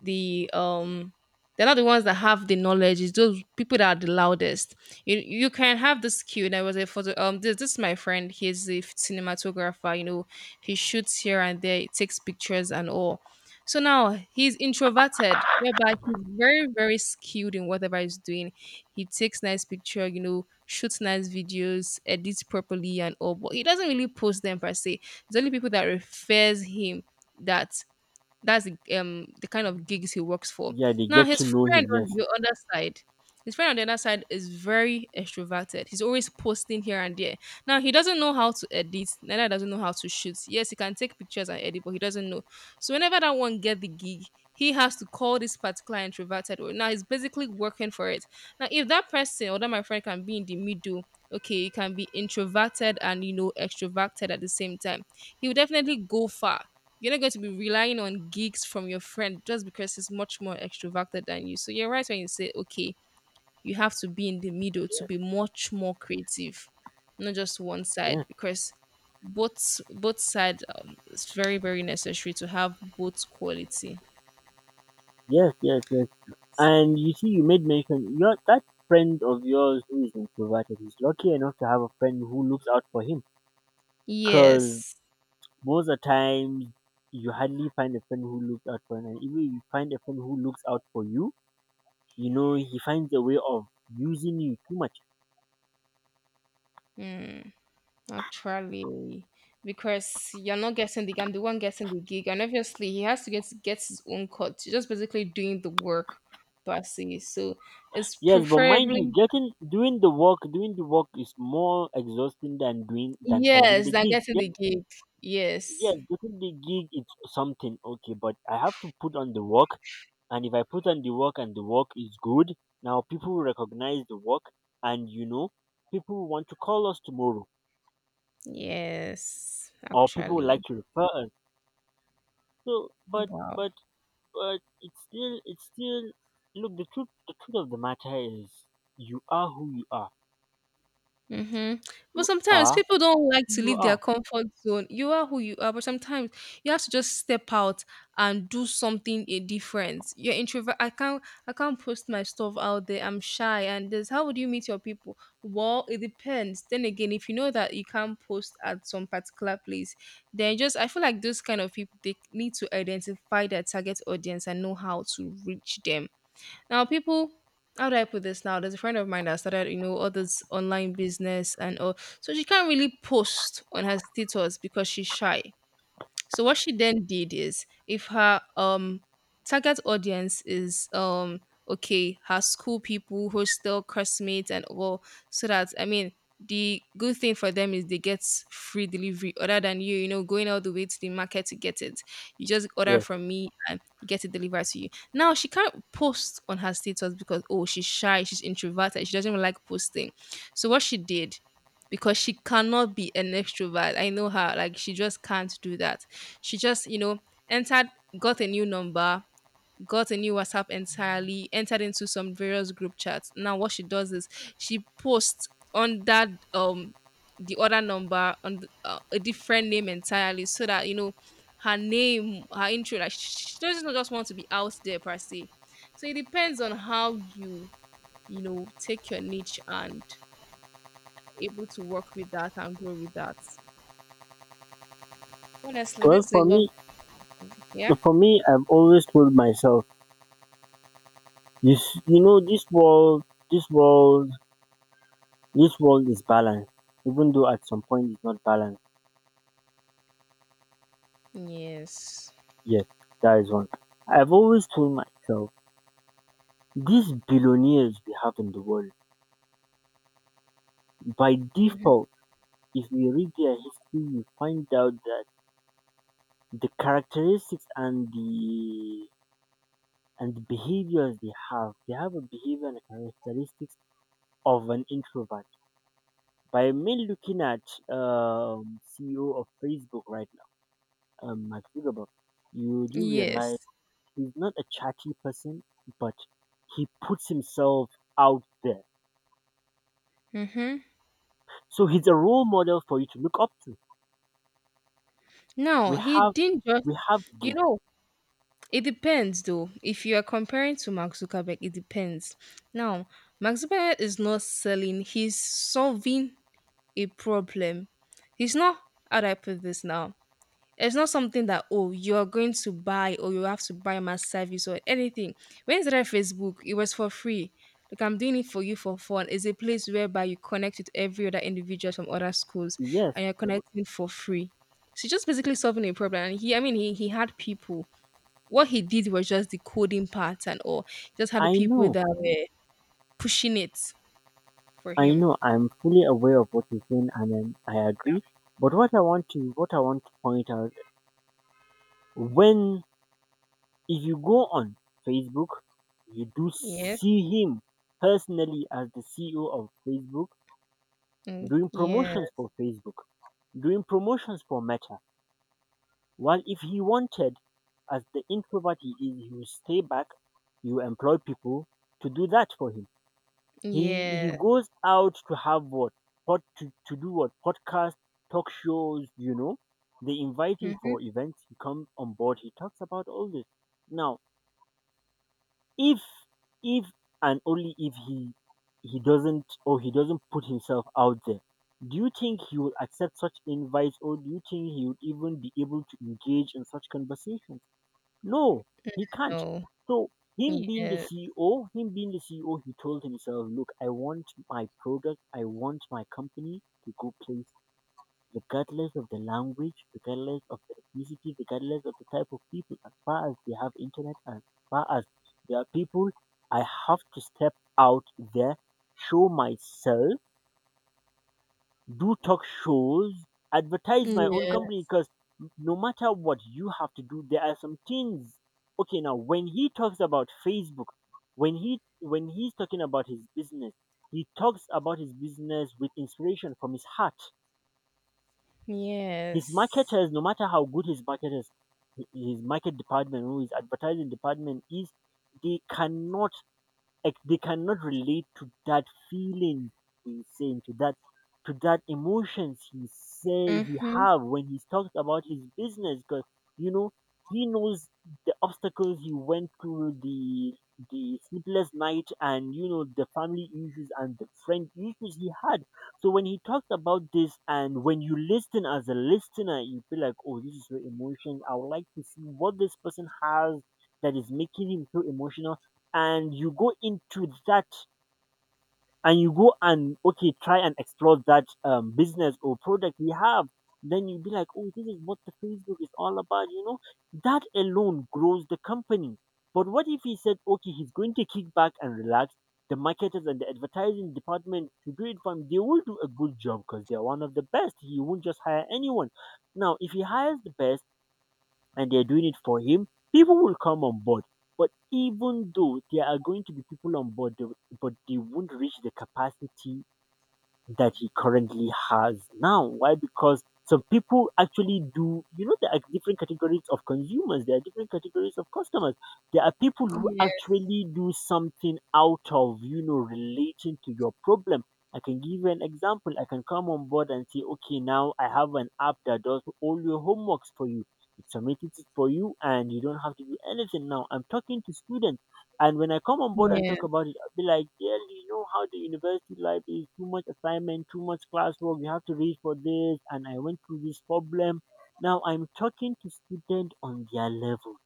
Speaker 2: the um they're not the ones that have the knowledge. It's those people that are the loudest. You you can have the skill. And I was a photo. Um, this, this is my friend. He's a cinematographer. You know, he shoots here and there. He takes pictures and all. So now he's introverted, whereby he's very very skilled in whatever he's doing. He takes nice picture. You know, shoots nice videos, edits properly and all. But he doesn't really post them per se. It's only people that refers him that that's the, um the kind of gigs he works for.
Speaker 1: Yeah, they
Speaker 2: Now
Speaker 1: get
Speaker 2: his
Speaker 1: to know
Speaker 2: friend
Speaker 1: him.
Speaker 2: on
Speaker 1: Yes.
Speaker 2: the other side, his friend on the other side is very extroverted. He's always posting here and there. Now he doesn't know how to edit, neither doesn't know how to shoot. Yes, he can take pictures and edit, but he doesn't know. So whenever that one get the gig, he has to call this particular introverted. one. Now he's basically working for it. Now if that person or that my friend can be in the middle, okay, he can be introverted and, you know, extroverted at the same time. He will definitely go far. You're not going to be relying on gigs from your friend just because he's much more extroverted than you. So you're right when you say, okay, you have to be in the middle to
Speaker 1: Yeah,
Speaker 2: be much more creative, not just one side,
Speaker 1: yeah.
Speaker 2: because both both side, um, it's very very necessary to have both quality.
Speaker 1: Yes, yes, yes. And you see, you made mention your that friend of yours who is introverted, is lucky enough to have a friend who looks out for him. Cause
Speaker 2: Yes.
Speaker 1: most of the time, you hardly find a friend who looks out for him. And even if you find a friend who looks out for you, you know he finds a way of using you too much.
Speaker 2: Mm, actually, because you're not getting the, I'm the one getting the gig, and obviously he has to get get his own cut. You're just basically doing the work, per se. So it's
Speaker 1: Yes, but mind you,
Speaker 2: preferably.
Speaker 1: getting doing the work, doing the work is more exhausting than doing than finding
Speaker 2: Yes,
Speaker 1: the
Speaker 2: than
Speaker 1: gig.
Speaker 2: getting
Speaker 1: Yes,
Speaker 2: the gig. Yes.
Speaker 1: yes, getting the gig is something okay, but I have to put on the work, and if I put on the work and the work is good, now people will recognize the work, and you know people will want to call us tomorrow
Speaker 2: Yes,
Speaker 1: or people would like
Speaker 2: actually.
Speaker 1: to refer us. So but
Speaker 2: Wow.
Speaker 1: but but it's still, it's still look, the truth, the truth of the matter is you are who you are,
Speaker 2: Mm-hmm. But
Speaker 1: you
Speaker 2: sometimes
Speaker 1: are
Speaker 2: people don't like
Speaker 1: who
Speaker 2: to
Speaker 1: you
Speaker 2: leave their
Speaker 1: are
Speaker 2: comfort zone. You are who you are, but sometimes you have to just step out and do something a different. You're introvert. I can't. I can't post my stuff out there. I'm shy, and this. How would you meet your people? Well, it depends. Then again, if you know that you can't post at some particular place, then just I feel like those kind of people they need to identify their target audience and know how to reach them. Now, people, how do I put this now? There's a friend of mine that started, you know, all this online business and all. So she can't really post on her status because she's shy. So what she then did is if her um target audience is um okay, her school people, hostel, classmates and all, so that, I mean, the good thing for them is they get free delivery other than you, you know, going all the way to the market to get it. You just order
Speaker 1: yes.
Speaker 2: from me and get it delivered to you. Now she can't post on her status because, oh, she's shy, she's introverted, she doesn't even like posting. So what she did, because she cannot be an extrovert. I know her, like she just can't do that. She just, you know, entered, got a new number, got a new WhatsApp entirely, entered into some various group chats. Now, what she does is she posts on that um the other number on the, uh, a different name entirely, so that, you know, her name, her intro, like she she doesn't just want to be out there per se. So it depends on how you, you know, take your niche and able to work with that and grow with that. Honestly,
Speaker 1: Well,
Speaker 2: this is
Speaker 1: for
Speaker 2: a love.
Speaker 1: me,
Speaker 2: Yeah.
Speaker 1: for me I've always told myself, you s- you know this world, this world this world is balanced, even though at some point it's not balanced.
Speaker 2: Yes.
Speaker 1: Yes, that is one. I've always told myself these billionaires we have in the world, by default, if you read their history, you find out that the characteristics and the and the behaviors they have, they have a behavior and characteristics of an introvert. By me looking at um, C E O of Facebook right now, um, Mark Zuckerberg, you do
Speaker 2: Yes.
Speaker 1: realize he's not a chatty person, but he puts himself out there.
Speaker 2: Mm-hmm.
Speaker 1: So he's a role model for you to look up to.
Speaker 2: No,
Speaker 1: We
Speaker 2: he
Speaker 1: have
Speaker 2: didn't just,
Speaker 1: we have
Speaker 2: you
Speaker 1: Gay.
Speaker 2: know, it depends though. If you are comparing to Mark Zuckerberg, it depends. Now, Mark Zuckerberg is not selling, he's solving a problem. He's not, how do I put this now? It's not something that, oh, you are going to buy or you have to buy my service or anything. When I started Facebook, it was for free. Like I'm doing it for you for fun. It's a place whereby you connect with every other individual from other schools,
Speaker 1: Yes,
Speaker 2: and you're connecting for free. So just basically solving a problem. And he I mean he he had people. What he did was just the coding part and all. He just had the
Speaker 1: I
Speaker 2: people
Speaker 1: know,
Speaker 2: that were pushing it for
Speaker 1: I
Speaker 2: him.
Speaker 1: know. I'm fully aware of what you're saying, and then I agree. But what I want to, what I want to point out when, if you go on Facebook, you do
Speaker 2: Yes.
Speaker 1: see him personally as the C E O of Facebook
Speaker 2: Mm,
Speaker 1: doing
Speaker 2: yeah.
Speaker 1: promotions for Facebook, doing promotions for Meta. Well, if he wanted, as the introvert he is, he will stay back. He will employ people to do that for him. He, he
Speaker 2: Yeah.
Speaker 1: goes out to have what pod, to, to do what podcast, talk shows. You know, they invite him
Speaker 2: Hmm.
Speaker 1: for events. He comes on board. He talks about all this. Now, if if and only if he, he doesn't, or he doesn't put himself out there. Do you think he will accept such invites, or do you think he would even be able to engage in such conversation? No, he can't.
Speaker 2: No.
Speaker 1: So him being the
Speaker 2: Yeah.
Speaker 1: C E O, him being the C E O, he told himself, look, I want my product, I want my company to go place regardless of the language, regardless of the ethnicity, regardless of the type of people, as far as they have internet, as far as there are people, I have to step out there, show myself, do talk shows, advertise my own
Speaker 2: Yeah.
Speaker 1: company, because no matter what you have to do, there are some things. Okay, now when he talks about Facebook, when he when he's talking about his business, he talks about his business with inspiration from his heart. His
Speaker 2: Yes.
Speaker 1: marketers, no matter how good his marketers, his market department, or his advertising department is, they cannot, like they cannot relate to that feeling he's saying, to that, to that emotions he say he
Speaker 2: Mhm.
Speaker 1: have when he's talked about his business. Because you know, he knows the obstacles he went through, the, the sleepless night, and you know, the family issues and the friend issues he had. So when he talks about this, and when you listen as a listener, you feel like, oh, this is your emotion, I would like to see what this person has that is making him so emotional. And you go into that, and you go and, okay, try and explore that, um, business or product we have. Then you'll be like, oh, this is what the Facebook is all about, you know. That alone grows the company. But what if he said, okay, he's going to kick back and relax the marketers and the advertising department to do it for him? They will do a good job because they're one of the best. He won't just hire anyone. Now if he hires the best and they're doing it for him, people will come on board. But even though there are going to be people on board, they- but they won't reach the capacity that he currently has now. Why? Because some people actually do, you know, there are different categories of consumers, there are different categories of customers. There are people who
Speaker 2: Yes.
Speaker 1: actually do something out of, you know, relating to your problem. I can give you an example. I can come on board and say, okay, now I have an app that does all your homeworks for you. It submits it for you and you don't have to do anything now. I'm talking to students, and when I come on board and
Speaker 2: Yeah.
Speaker 1: talk about it, I'll be like, "Dearly, you know how the university life is, too much assignment, too much classwork, you have to read for this, and I went through this problem. Now I'm talking to students on their level.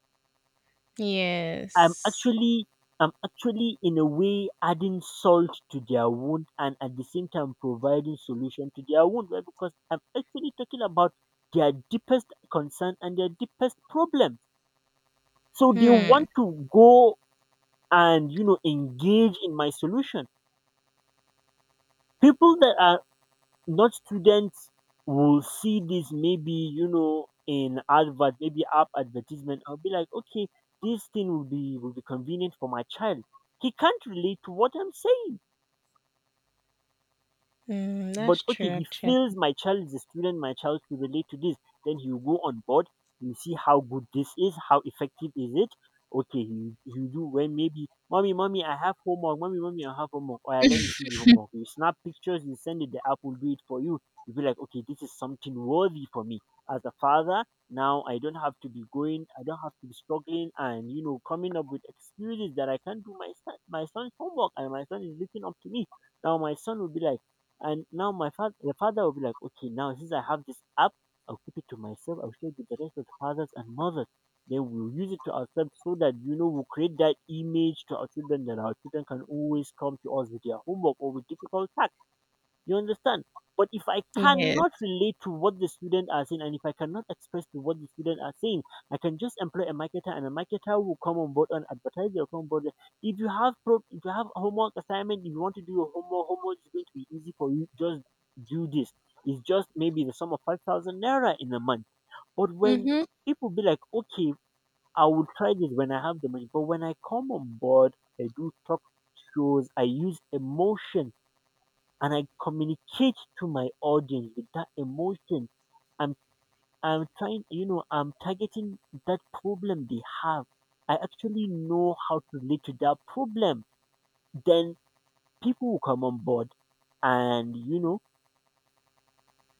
Speaker 1: I'm
Speaker 2: Yes.
Speaker 1: actually I'm actually in a way adding salt to their wound and at the same time providing solution to their wound, right? Because I'm actually talking about their deepest concern and their deepest problem. So they
Speaker 2: Hmm.
Speaker 1: want to go and you know engage in my solution. People that are not students will see this, maybe you know, in advert, maybe app advertisement, I'll be like, okay, this thing will be, will be convenient for my child. He can't relate to what I'm saying.
Speaker 2: Mm,
Speaker 1: But
Speaker 2: that's true
Speaker 1: okay, he
Speaker 2: actually.
Speaker 1: feels my child is a student, my child will relate to this. Then he'll go on board, he see how good this is, how effective is it. Okay, he, he do when maybe mommy, mommy, I have homework, mommy, mommy, I have homework. Oh yeah, let me see the homework. You snap pictures, you send it, the app will do it for you. You feel like, okay, this is something worthy for me. As a father, now I don't have to be going, I don't have to be struggling and you know, coming up with excuses that I can't do my son my son's homework, and my son is looking up to me. Now my son will be like, and now my father, the father will be like, okay, now since I have this app, I'll keep it to myself. I'll share it with the rest of the fathers and mothers. Then we'll use it to ourselves so that, you know, we'll create that image to our children that our children can always come to us with their homework or with difficult tasks. You understand? But if I cannot
Speaker 2: Yes.
Speaker 1: relate to what the student are saying, and if I cannot express to what the student are saying, I can just employ a marketer, and a marketer will come on board and advertise your come on board. If you have pro- if you have homework assignment, if you want to do your homework, homework is going to be easy for you. Just do this. It's just maybe the sum of five thousand naira in a month. But when
Speaker 2: Mhm.
Speaker 1: people be like, okay, I will try this when I have the money. But when I come on board, I do talk shows, I use emotion and I communicate to my audience with that emotion. I'm I'm trying, you know, I'm targeting that problem they have. I actually know how to relate to that problem. Then people will come on board, and you know,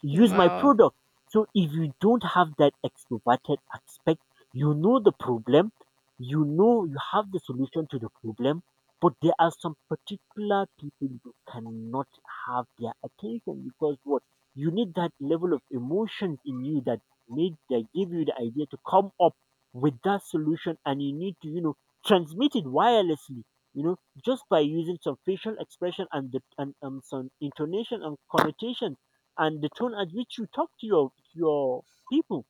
Speaker 1: use my
Speaker 2: Wow.
Speaker 1: product. So if you don't have that extroverted aspect, you know the problem, you know you have the solution to the problem, but there are some particular people you cannot have their attention, because what, you need that level of emotions in you that made that give you the idea to come up with that solution, and you need to, you know, transmit it wirelessly, you know, just by using some facial expression and the and um, some intonation and connotation and the tone at which you talk to your, your people,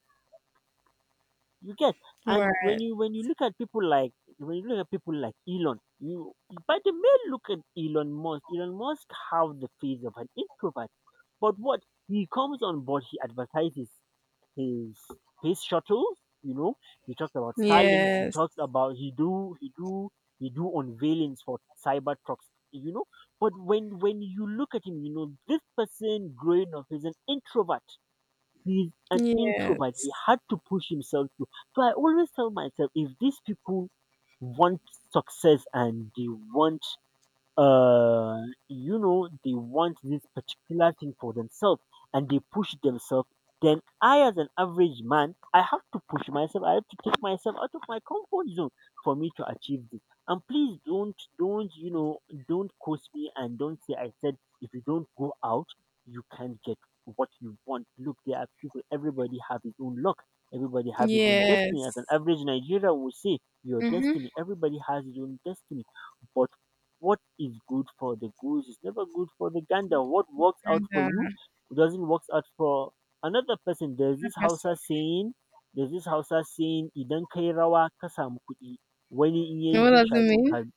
Speaker 1: you get. And when
Speaker 2: Right.
Speaker 1: you when you look at people like, when you look at people like Elon, you, by the main, look at Elon Musk. Elon Musk have the face of an introvert. But what, he comes on board, he advertises his space shuttles, you know, he talks about Starlinks, he
Speaker 2: Yes.
Speaker 1: talks about, he do he do he do unveilings for cyber trucks, you know. But when when you look at him, you know this person growing up is an introvert. He's an introvert. He
Speaker 2: Yes.
Speaker 1: had to push himself through. So I always tell myself, if these people want success and they want uh you know they want this particular thing for themselves and they push themselves, then I, as an average man, I have to push myself, I have to take myself out of my comfort zone for me to achieve this. And please, don't don't you know don't curse me and don't say I said if you don't go out you can't get what you want. Look, there are people, everybody have his own luck, everybody have his own destiny.
Speaker 2: Yes.
Speaker 1: As an average Nigerian will say, your
Speaker 2: Mhm.
Speaker 1: destiny, everybody has his own destiny. But what is good for the goose is never good for the gander. What works out
Speaker 2: And
Speaker 1: for
Speaker 2: uh,
Speaker 1: you doesn't work out for another person. There's this
Speaker 2: that's-
Speaker 1: Hausa saying, there's this Hausa saying, idan kai rawa ka samu kuɗi, wani in yayi
Speaker 2: what
Speaker 1: zai
Speaker 2: does it
Speaker 1: sha
Speaker 2: mean? [laughs]
Speaker 1: duka.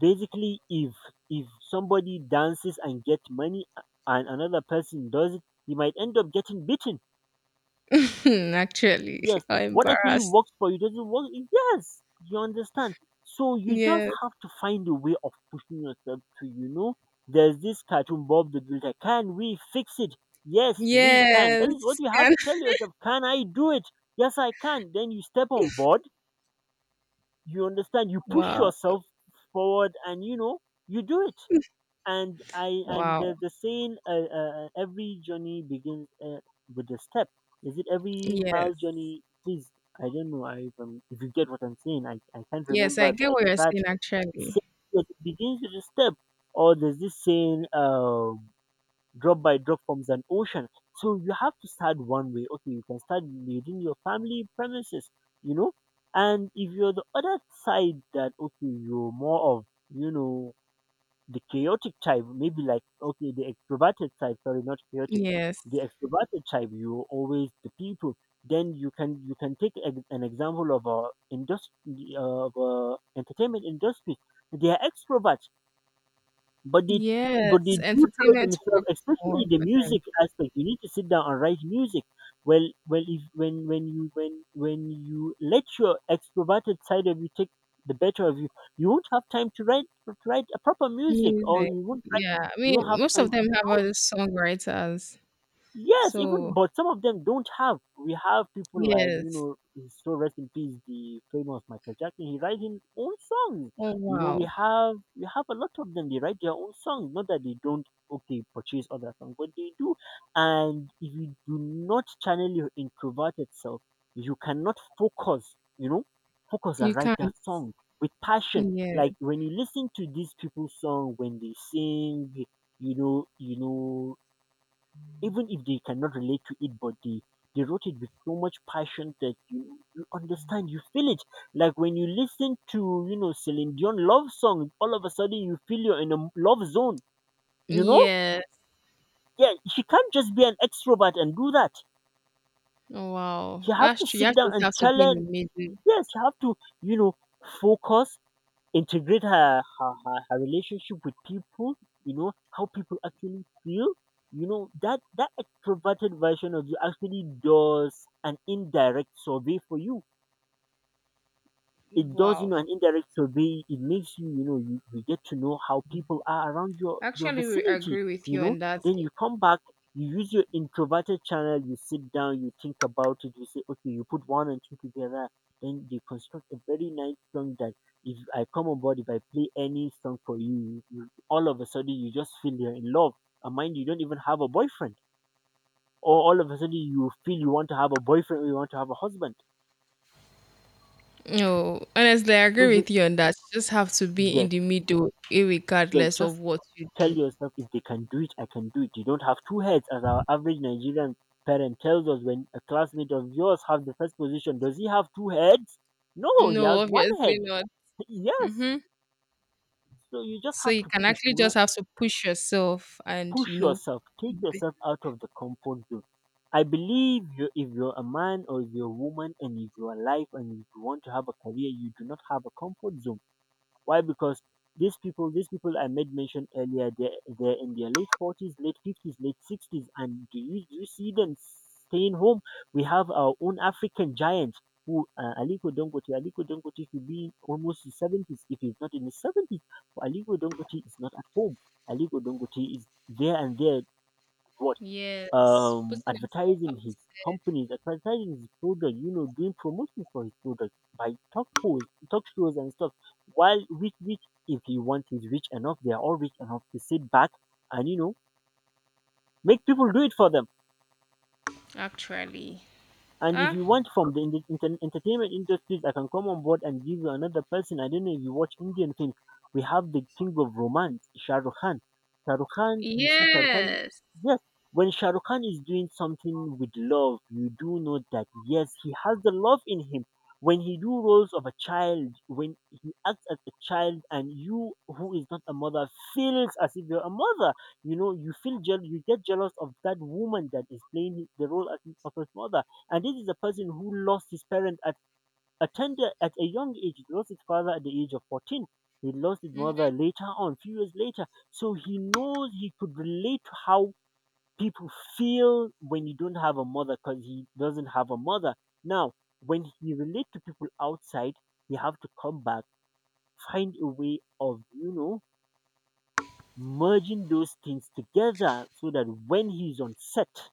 Speaker 1: Basically, if if somebody dances and get money and another person does it, he might end up getting beaten.
Speaker 2: Actually,
Speaker 1: Yes,
Speaker 2: [laughs] I'm
Speaker 1: what actually
Speaker 2: embarrassed.
Speaker 1: works for you doesn't work. Yes, you understand. So you just
Speaker 2: Yes.
Speaker 1: have to find a way of pushing yourself to, you know, there's this cartoon, Bob the Builder, can we fix it? Yes, we can. That is what
Speaker 2: Yes.
Speaker 1: you have
Speaker 2: Can-
Speaker 1: to tell yourself. Can I do it? Yes, I can. Then you step on board, you understand, you
Speaker 2: [laughs]
Speaker 1: push
Speaker 2: Wow.
Speaker 1: yourself forward and, you know, you do it. And I and
Speaker 2: Wow.
Speaker 1: there's the saying, uh, uh, uh, every journey begins, uh, with a step. Is it every mile
Speaker 2: Yes.
Speaker 1: journey? Please, I don't know. I, um, if you get what I'm saying. I, I can't
Speaker 2: Yes, I
Speaker 1: remember
Speaker 2: get
Speaker 1: the
Speaker 2: what you're saying
Speaker 1: exact
Speaker 2: actually.
Speaker 1: saying, but it begins with a step. Or there's this saying, uh, drop by drop forms an ocean. So you have to start one way. Okay, you can start within your family premises, you know. And if you're the other side that, okay, you're more of, you know, the chaotic type, maybe like, okay, the extroverted type, sorry, not chaotic.
Speaker 2: Yes.
Speaker 1: The extroverted type, you always the people. Then you can you can take ex- an example of a industry, of a entertainment industry. They are extroverts. But they but they
Speaker 2: Yes,
Speaker 1: do tell
Speaker 2: entertainment
Speaker 1: themselves,
Speaker 2: works
Speaker 1: especially
Speaker 2: more
Speaker 1: the
Speaker 2: for them.
Speaker 1: music aspect. You need to sit down and write music. Well, well, if when when you when when you let your extroverted side of you take the better of you, you won't have time to write to write a proper music, or
Speaker 2: Music.
Speaker 1: you won't write,
Speaker 2: Yeah. I
Speaker 1: you
Speaker 2: mean,
Speaker 1: won't have
Speaker 2: most of
Speaker 1: time to,
Speaker 2: them
Speaker 1: you
Speaker 2: have
Speaker 1: know.
Speaker 2: other songwriters.
Speaker 1: Yes, even
Speaker 2: So,
Speaker 1: but some of them don't have. We have people like, you
Speaker 2: yes.
Speaker 1: know, so rest in peace, the famous Michael Jackson. He writes his own songs.
Speaker 2: Oh,
Speaker 1: You know, we
Speaker 2: wow.
Speaker 1: have we have a lot of them. They write their own songs. Not that they don't okay purchase other songs, but they do. And if you do not channel your introverted self, you cannot focus. You know, focus
Speaker 2: You
Speaker 1: and write
Speaker 2: can't.
Speaker 1: that song with passion.
Speaker 2: Yes.
Speaker 1: Like when you listen to these people's song when they sing, you know, you know even if they cannot relate to it, but they they wrote it with so much passion that you, you understand, you feel it. Like when you listen to, you know, Celine Dion love song, all of a sudden you feel you're in a love zone, you know.
Speaker 2: Yes.
Speaker 1: Yeah, she can't just be an extrovert and do that.
Speaker 2: Oh, wow.
Speaker 1: You have
Speaker 2: That's
Speaker 1: to
Speaker 2: true. You
Speaker 1: sit
Speaker 2: actually
Speaker 1: down and
Speaker 2: have to be in the
Speaker 1: challenge.
Speaker 2: middle.
Speaker 1: Yes, you have to, you know, focus, integrate her, her, her, her relationship with people, you know, how people actually feel. You know, that, that extroverted version of you actually does an indirect survey for you. It does, you
Speaker 2: Wow.
Speaker 1: know, an indirect survey. It makes you, you know, you, you get to know how people are around your your
Speaker 2: Actually, we
Speaker 1: vicinity,
Speaker 2: agree with
Speaker 1: you
Speaker 2: you
Speaker 1: know.
Speaker 2: on that.
Speaker 1: Then you come back, you use your introverted channel, you sit down, you think about it, you say, okay, you put one and two together, then they construct a very nice song that if I come on board, if I play any song for you, you, all of a sudden, you just feel you're in love. And mind you, you don't even have a boyfriend, or all of a sudden you feel you want to have a boyfriend or you want to have a husband.
Speaker 2: No, honestly, I
Speaker 1: So
Speaker 2: agree
Speaker 1: you,
Speaker 2: with you on that. You just have to be in
Speaker 1: yes,
Speaker 2: the middle,
Speaker 1: yeah,
Speaker 2: irregardless of
Speaker 1: just
Speaker 2: what you
Speaker 1: tell
Speaker 2: do.
Speaker 1: yourself if they can do it, I can do it. You don't have two heads, as our average Nigerian parent tells us when a classmate of yours have the first position. Does he have two heads? No, he
Speaker 2: No,
Speaker 1: has one
Speaker 2: obviously
Speaker 1: head.
Speaker 2: not.
Speaker 1: [laughs] Yes.
Speaker 2: Mhm.
Speaker 1: So you just
Speaker 2: So
Speaker 1: have
Speaker 2: you
Speaker 1: to
Speaker 2: can
Speaker 1: push,
Speaker 2: actually
Speaker 1: you
Speaker 2: just
Speaker 1: know,
Speaker 2: have to push yourself and, you
Speaker 1: push
Speaker 2: know,
Speaker 1: yourself, take
Speaker 2: be-
Speaker 1: yourself out of the comfort zone. I believe you, if you're a man or if you're a woman and if you're alive and if you want to have a career, you do not have a comfort zone. Why? Because these people, these people I made mention earlier, they're, they're in their late forties, late fifties, late sixties, and do you do you see them staying home? We have our own African giants who, uh, Aliko Dangote. Aliko Dangote should be almost his seventies. If he's not in his seventies, Aliko Dangote is not at home. Aliko Dangote is there and there. What,
Speaker 2: yes,
Speaker 1: um
Speaker 2: putting himself out.
Speaker 1: advertising his companies, advertising his product, you know, doing promotion for his product by talk shows, talk shows and stuff. While rich, rich, if he wants, is rich enough, they are all rich enough to sit back and, you know, make people do it for them.
Speaker 2: Actually,
Speaker 1: And if
Speaker 2: ah,
Speaker 1: you want from the in- inter- entertainment industries, I can come on board and give you another person. I don't know if you watch Indian films. We have the king of romance, Shah Rukh Khan. Shah Rukh Khan, you see Shah Rukh Khan,
Speaker 2: yes.
Speaker 1: yes. When Shah Rukh Khan is doing something with love, you do know that yes, he has the love in him. When he do roles of a child, when he acts as a child, and you who is not a mother feels as if you're a mother, you know, you feel jealous, you get jealous of that woman that is playing the role as of his mother. And this is a person who lost his parents at a tender, at a young age. He lost his father at the age of fourteen. He lost his mother
Speaker 2: Mhm,
Speaker 1: later on, few years later. So he knows, he could relate to how people feel when you don't have a mother, because he doesn't have a mother. Now, when he relate to people outside, you have to come back, find a way of, you know, merging those things together, so that when he's on set,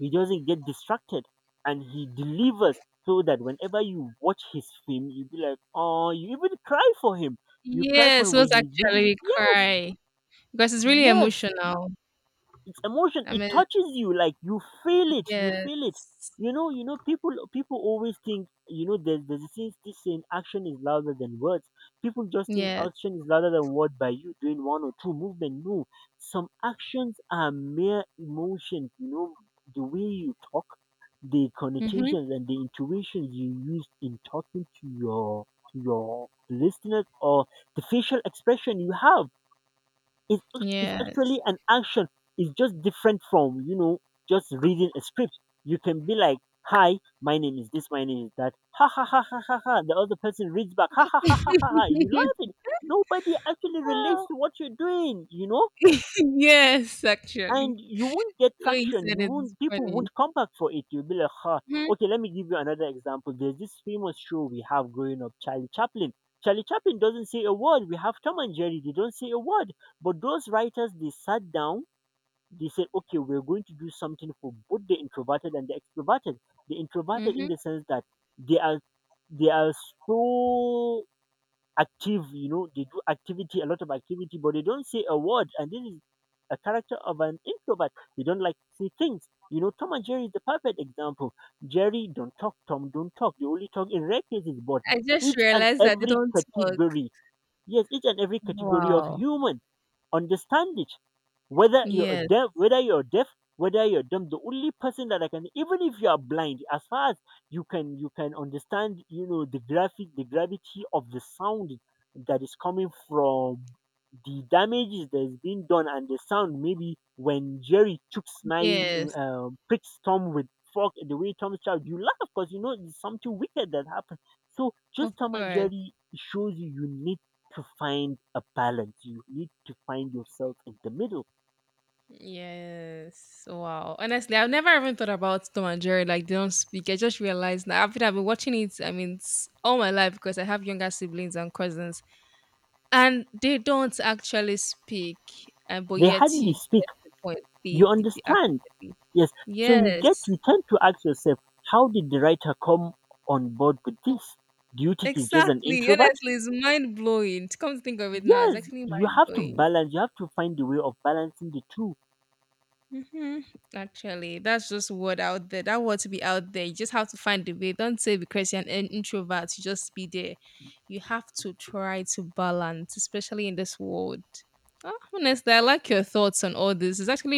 Speaker 1: he doesn't get distracted and he delivers, so that whenever you watch his film, you be like, oh, you even cry for him. You cry for
Speaker 2: yes.
Speaker 1: him
Speaker 2: Was
Speaker 1: when he loses it.
Speaker 2: actually
Speaker 1: Yes,
Speaker 2: cry because it's really
Speaker 1: yes,
Speaker 2: emotional.
Speaker 1: it's emotion,
Speaker 2: I
Speaker 1: it
Speaker 2: mean,
Speaker 1: touches you, like you feel it, you feel it,
Speaker 2: yes,
Speaker 1: you know, you know, people people always think, you know, there's there's this thing, this saying, action is louder than words. People just think
Speaker 2: yes.
Speaker 1: action is louder than word by you doing one or two movement. No, some actions are mere emotions, you know, the way you talk, the
Speaker 2: Mm-hmm,
Speaker 1: connotations and the intuitions you use in talking to your, to your listeners, or the facial expression you have, it's ac- it's
Speaker 2: yes.
Speaker 1: actually an action. It's just different from, you know, just reading a script. You can be like, "Hi, my name is this. My name is that." Ha ha ha ha ha ha. The other person reads back. Ha ha ha ha ha ha. You
Speaker 2: [laughs]
Speaker 1: laughing. Nobody actually relates
Speaker 2: Ah,
Speaker 1: to what you're doing. You know,
Speaker 2: yes, actually.
Speaker 1: and you won't get
Speaker 2: The way you
Speaker 1: traction.
Speaker 2: said
Speaker 1: You
Speaker 2: it is
Speaker 1: won't. People
Speaker 2: funny.
Speaker 1: won't come back for it. You'll be like, huh.
Speaker 2: Hmm.
Speaker 1: Okay, let me give you another example. There's this famous show we have growing up, Charlie Chaplin. Charlie Chaplin doesn't say a word. We have Tom and Jerry. They don't say a word. But those writers, they sat down. They said, okay, we're going to do something for both the introverted and the extroverted. The introverted,
Speaker 2: Hmm.
Speaker 1: in the sense that they are they are so active, you know, they do activity, a lot of activity, but they don't say a word. And this is a character of an introvert. They don't like to say things. You know, Tom and Jerry is the perfect example. Jerry don't talk, Tom don't talk. They only talk in rare cases, but
Speaker 2: I just
Speaker 1: each and
Speaker 2: realized that they
Speaker 1: every
Speaker 2: don't talk.
Speaker 1: category, yes, each and every category of
Speaker 2: Wow.
Speaker 1: human understand it. Whether you're
Speaker 2: Yes.
Speaker 1: deaf, whether you're deaf, whether you're dumb, the only person that I can, even if you are blind, as far as you can, you can understand, you know, the graphic, the gravity of the sound that is coming from the damages that's been done and the sound. Maybe when Jerry chokes my
Speaker 2: Yes,
Speaker 1: uh, pricks Tom with fork the way Tom's child, you laugh because you know it's something wicked that happened. So
Speaker 2: of
Speaker 1: just Tom and
Speaker 2: course.
Speaker 1: Jerry shows you you need to find a balance. You need to find yourself in the middle.
Speaker 2: Yes. Wow. Honestly, I've never even thought about Tom and Jerry. Like they don't speak. I just realized now after I've been watching it, I mean s- all my life because I have younger siblings and cousins. And they don't actually speak. And but
Speaker 1: They
Speaker 2: yet you
Speaker 1: hardly speak.
Speaker 2: get the point.
Speaker 1: You
Speaker 2: They, they, they
Speaker 1: understand?
Speaker 2: actually.
Speaker 1: Yes. So you get, you
Speaker 2: Yes.
Speaker 1: tend to ask yourself, how did the writer come on board with
Speaker 2: Oh,
Speaker 1: this? Do you think he's just an
Speaker 2: exactly.
Speaker 1: introvert?
Speaker 2: Honestly, it's mind blowing. Come to think of it now, it's
Speaker 1: Yes,
Speaker 2: actually
Speaker 1: you
Speaker 2: mind
Speaker 1: have to
Speaker 2: blowing.
Speaker 1: balance, you have to find the way of balancing the two.
Speaker 2: Hmm. Actually, that's just word out there. That word to be out there. You just have to find the way. Don't say because you're an in- introvert, you just be there. You have to try to balance, especially in this world. Oh, honestly, I like your thoughts on all this. It's actually